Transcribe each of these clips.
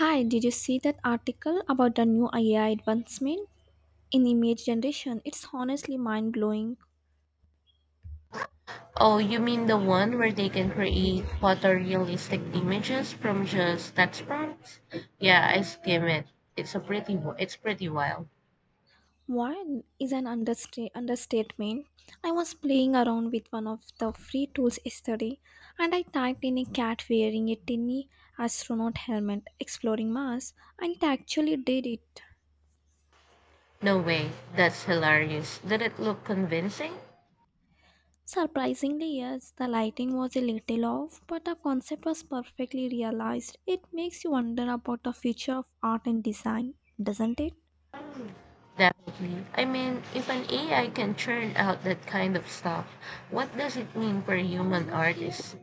Hi, did you see that article about the new AI advancement in image generation? It's honestly mind blowing. Oh, you mean the one where they can create photorealistic images from just text prompts? Yeah, I skim it. It's pretty wild. One is an understatement. I was playing around with one of the free tools yesterday and I typed in a cat wearing a tiny astronaut helmet exploring Mars and it actually did it. No way, that's hilarious. Did it look convincing? Surprisingly, yes, the lighting was a little off, but the concept was perfectly realized. It makes you wonder about the future of art and design, doesn't it? Definitely. I mean, if an AI can churn out that kind of stuff, what does it mean for human artists?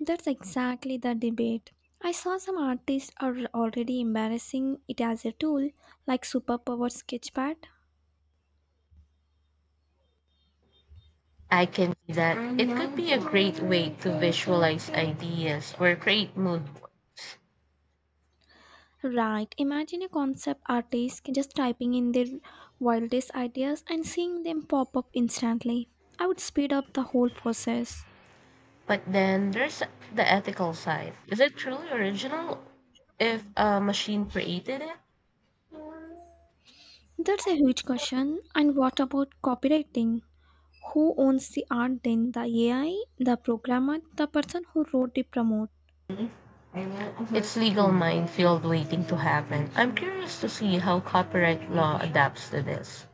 That's exactly the debate. I saw some artists are already embarrassing it as a tool, like superpower sketchpad. I can see that. It could be a great way to visualize ideas or create mood boards. Right, imagine a concept artist just typing in their wildest ideas and seeing them pop up instantly. I would speed up the whole process. But then there's the ethical side. Is it truly original if a machine created it? That's a huge question. And what about copywriting? Who owns the art then? The AI, the programmer, the person who wrote the promote? It's legal minefield waiting to happen. I'm curious to see how copyright law adapts to this.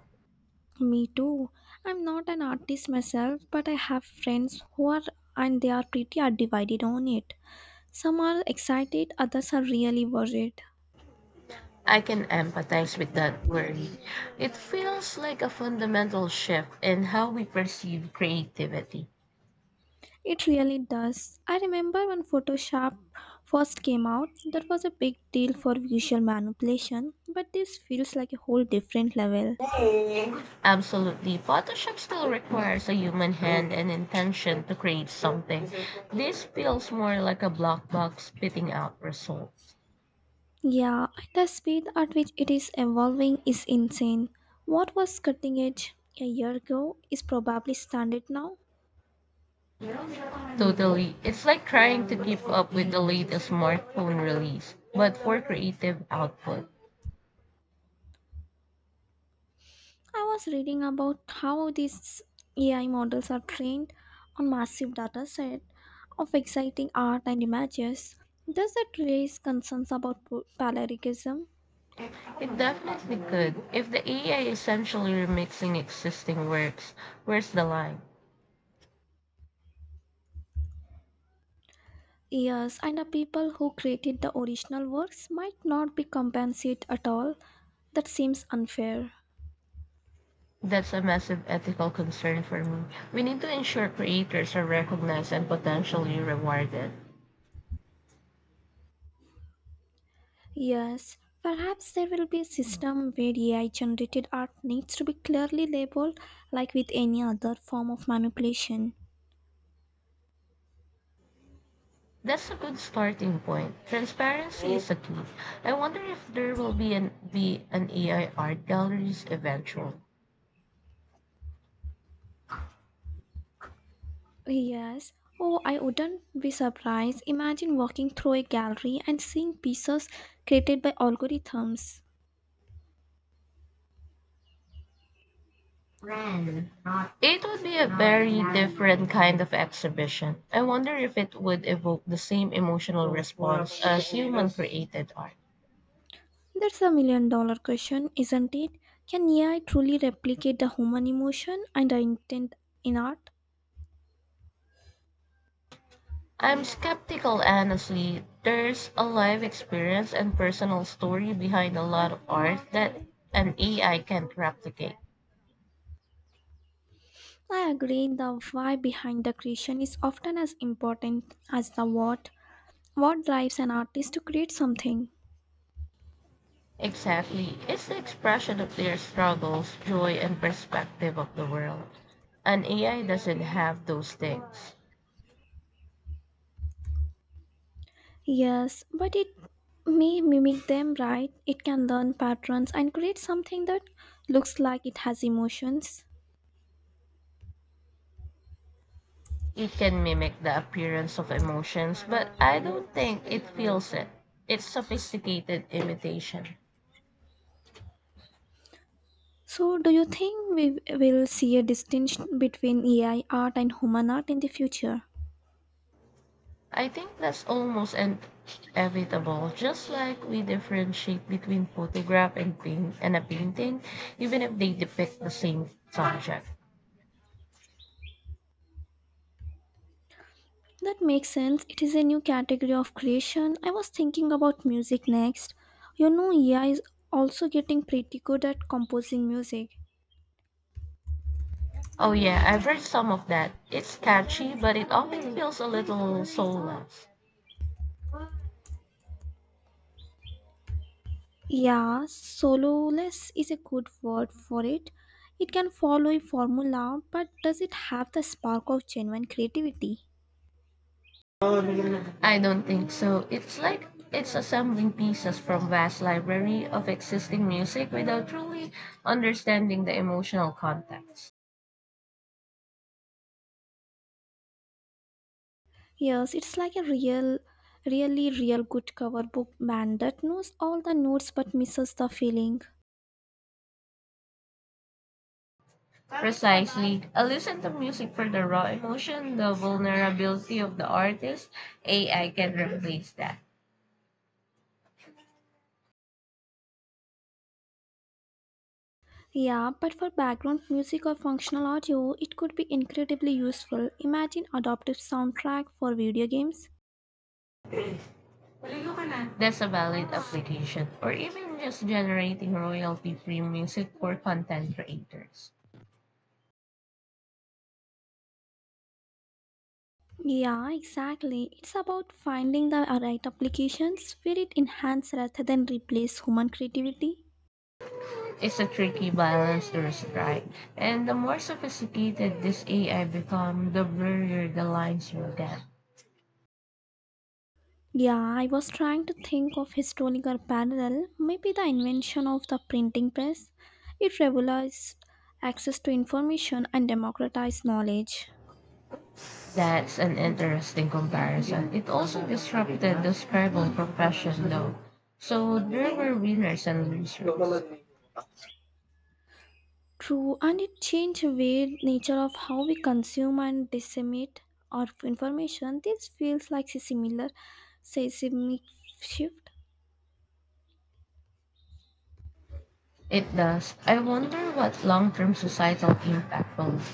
Me too. I'm not an artist myself, but I have friends who are and they are pretty are divided on it. Some are excited, others are really worried. I can empathize with that worry. It feels like a fundamental shift in how we perceive creativity. It really does. I remember when Photoshop first came out, that was a big deal for visual manipulation, but this feels like a whole different level. Absolutely, Photoshop still requires a human hand and intention to create something. This feels more like a black box spitting out results. Yeah, and the speed at which it is evolving is insane. What was cutting edge a year ago is probably standard now. Totally. It's like trying to keep up with the latest smartphone release, but for creative output. I was reading about how these AI models are trained on massive data set of exciting art and images. Does that raise concerns about plagiarism? It definitely could. If the AI essentially remixing existing works, where's the line? Yes, and the people who created the original works might not be compensated at all. That seems unfair. That's a massive ethical concern for me. We need to ensure creators are recognized and potentially rewarded. Yes, perhaps there will be a system where AI generated art needs to be clearly labeled like with any other form of manipulation. That's a good starting point. Transparency is a key. I wonder if there will be an AI art galleries eventually. Yes. Oh, I wouldn't be surprised. Imagine walking through a gallery and seeing pieces created by algorithms. It would be a very different kind of exhibition. I wonder if it would evoke the same emotional response as human created art. That's a million-dollar question, isn't it? Can AI truly replicate the human emotion and the intent in art? I'm skeptical, honestly. There's a life experience and personal story behind a lot of art that an AI can't replicate. I agree the why behind the creation is often as important as the what. What drives an artist to create something? Exactly. It's the expression of their struggles, joy, and perspective of the world. An AI doesn't have those things. Yes, but it may mimic them, right? It can learn patterns and create something that looks like it has emotions. It can mimic the appearance of emotions, but I don't think it feels it. It's sophisticated imitation. So, do you think we will see a distinction between AI art and human art in the future? I think that's almost an- Inevitable. Just like we differentiate between photograph and paint and a painting, even if they depict the same subject. That makes sense. It is a new category of creation. I was thinking about music next. AI is also getting pretty good at composing music. Oh yeah, I've read some of that. It's catchy, but it often feels a little soulless. Yeah, sololess is a good word for it. It can follow a formula, but does it have the spark of genuine creativity? I don't think so. It's like it's assembling pieces from vast library of existing music without truly understanding the emotional context. Yes, it's like a really real good cover book band that knows all the notes but misses the feeling. Precisely. I listen to music for the raw emotion, the vulnerability of the artist. AI can replace that. Yeah, but for background music or functional audio, it could be incredibly useful. Imagine adaptive soundtrack for video games. That's a valid application. Or even just generating royalty free music for content creators. Yeah, exactly. It's about finding the right applications where it enhances rather than replace human creativity. It's a tricky balance to strike. And the more sophisticated this AI become, the blurrier the lines will get. Yeah, I was trying to think of historical parallel, maybe the invention of the printing press. It revolutionized access to information and democratized knowledge. That's an interesting comparison. It also disrupted the scribal profession though. So there were winners and losers. True, and it changed the way nature of how we consume and disseminate our information. This feels like a similar seismic shift. It does. I wonder what long-term societal impact will be.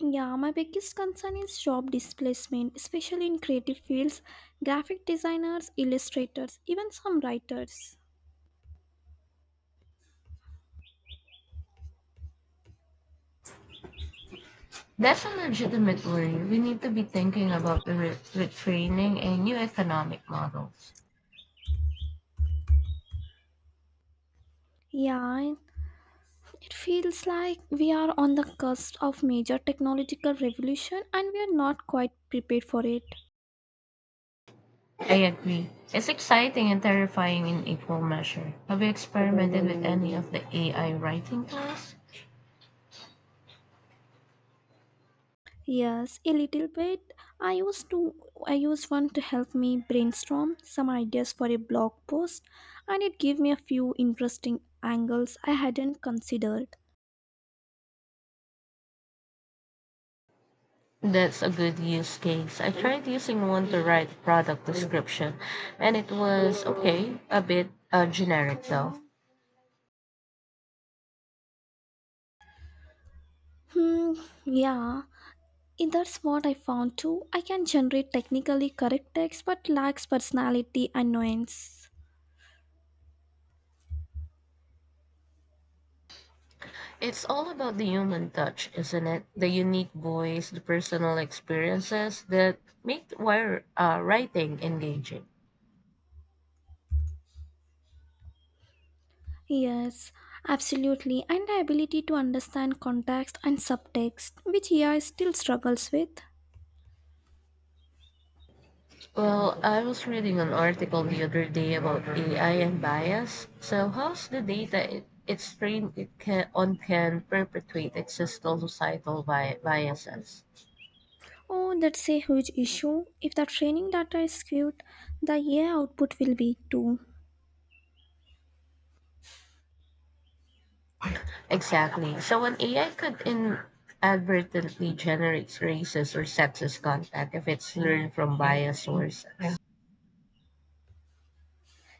Yeah, my biggest concern is job displacement, especially in creative fields, graphic designers, illustrators, even some writers. That's a legitimate worry. We need to be thinking about retraining and new economic models. Yeah, it feels like we are on the cusp of major technological revolution and we are not quite prepared for it. I agree. It's exciting and terrifying in equal measure. Have you experimented with any of the AI writing tools? Yes, a little bit. I used to I used one to help me brainstorm some ideas for a blog post and it gave me a few interesting angles I hadn't considered. That's a good use case. I tried using one to write product description, and it was okay, a bit generic though. Hmm, yeah. And that's what I found too. I can generate technically correct text but lacks personality and nuance. It's all about the human touch, isn't it? The unique voice, the personal experiences that make writing engaging. Yes, absolutely, and the ability to understand context and subtext, which AI still struggles with. Well, I was reading an article the other day about AI and bias. So, how's the data it's trained on can perpetuate existing societal biases? Oh, that's a huge issue. If the training data is skewed, the AI output will be too. Exactly. So, when AI could inadvertently generate racist or sexist content if it's learned from biased sources.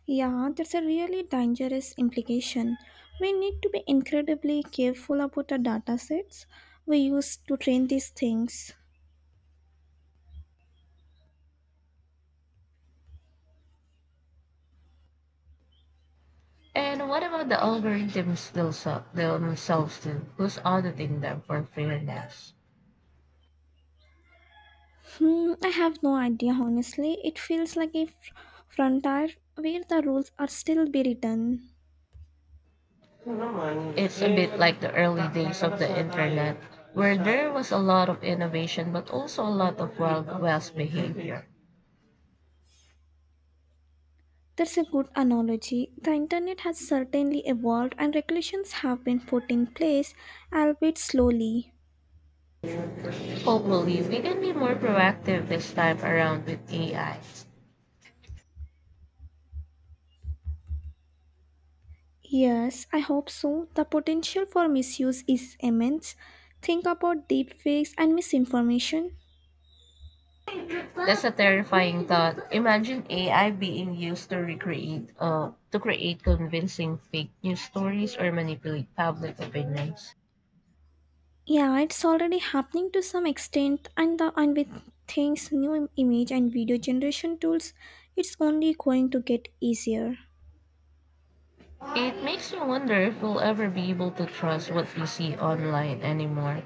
Yeah, that's a really dangerous implication. We need to be incredibly careful about the datasets we use to train these things. And what about the algorithms themselves too? Who's auditing them for fairness? Hmm, I have no idea, honestly. It feels like a frontier where the rules are still be written. It's a bit like the early days of the internet, where there was a lot of innovation but also a lot of Wild West behavior. That's a good analogy. The internet has certainly evolved and regulations have been put in place, albeit slowly. Hopefully, we can be more proactive this time around with AI. Yes, I hope so. The potential for misuse is immense. Think about deepfakes and misinformation. That's a terrifying thought. Imagine AI being used to to create convincing fake news stories or manipulate public opinions. Yeah, it's already happening to some extent, and with things new image and video generation tools, it's only going to get easier. It makes me wonder if we'll ever be able to trust what we see online anymore.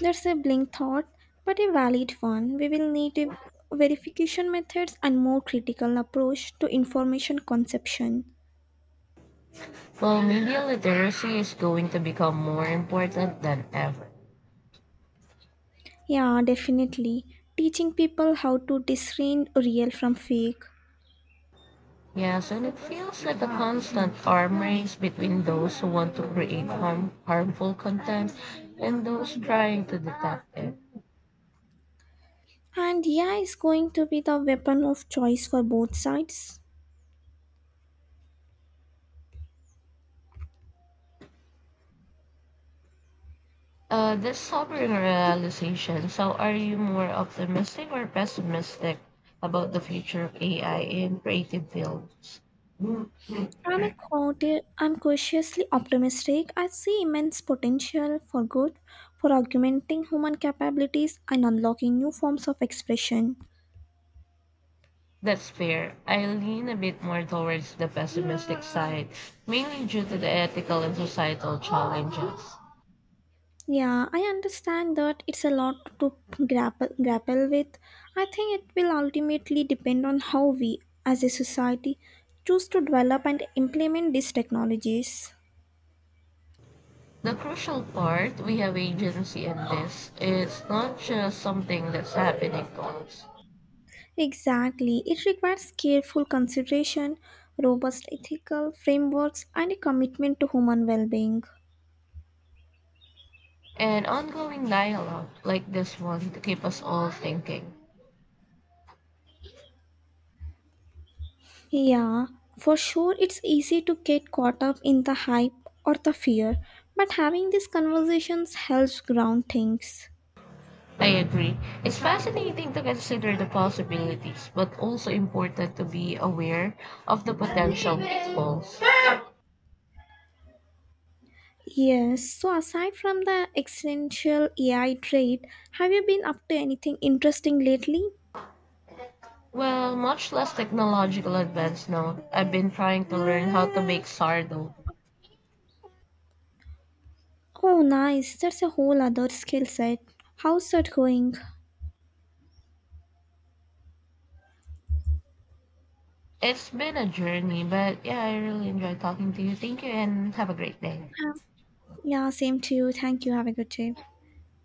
That's a blink thought, but a valid one. We will need a verification methods and more critical approach to information conception. Well, media literacy is going to become more important than ever. Yeah, definitely. Teaching people how to discern real from fake. Yes, and it feels like a constant arm race between those who want to create harmful content and those trying to detect it. And yeah, is going to be the weapon of choice for both sides. This sobering realization, so are you more optimistic or pessimistic about the future of AI in creative fields? I'm cautiously optimistic. I see immense potential for good, for augmenting human capabilities and unlocking new forms of expression. That's fair. I lean a bit more towards the pessimistic side, mainly due to the ethical and societal challenges. Yeah, I understand that it's a lot to grapple with. I think it will ultimately depend on how we, as a society, choose to develop and implement these technologies. The crucial part, we have agency in this. It's not just something that's happening to us. Exactly. It requires careful consideration, robust ethical frameworks, and a commitment to human well being. An ongoing dialogue like this one to keep us all thinking. Yeah, for sure, it's easy to get caught up in the hype or the fear, but having these conversations helps ground things. I agree. It's fascinating to consider the possibilities, but also important to be aware of the potential pitfalls. Yes, so aside from the existential AI trade, have you been up to anything interesting lately? Well, much less technological advance now. I've been trying to learn how to make sourdough. Oh, nice, that's a whole other skill set. How's that going? It's been a journey, but yeah, I really enjoyed talking to you. Thank you and have a great day. Um, yeah, same to you. Thank you. Have a good day.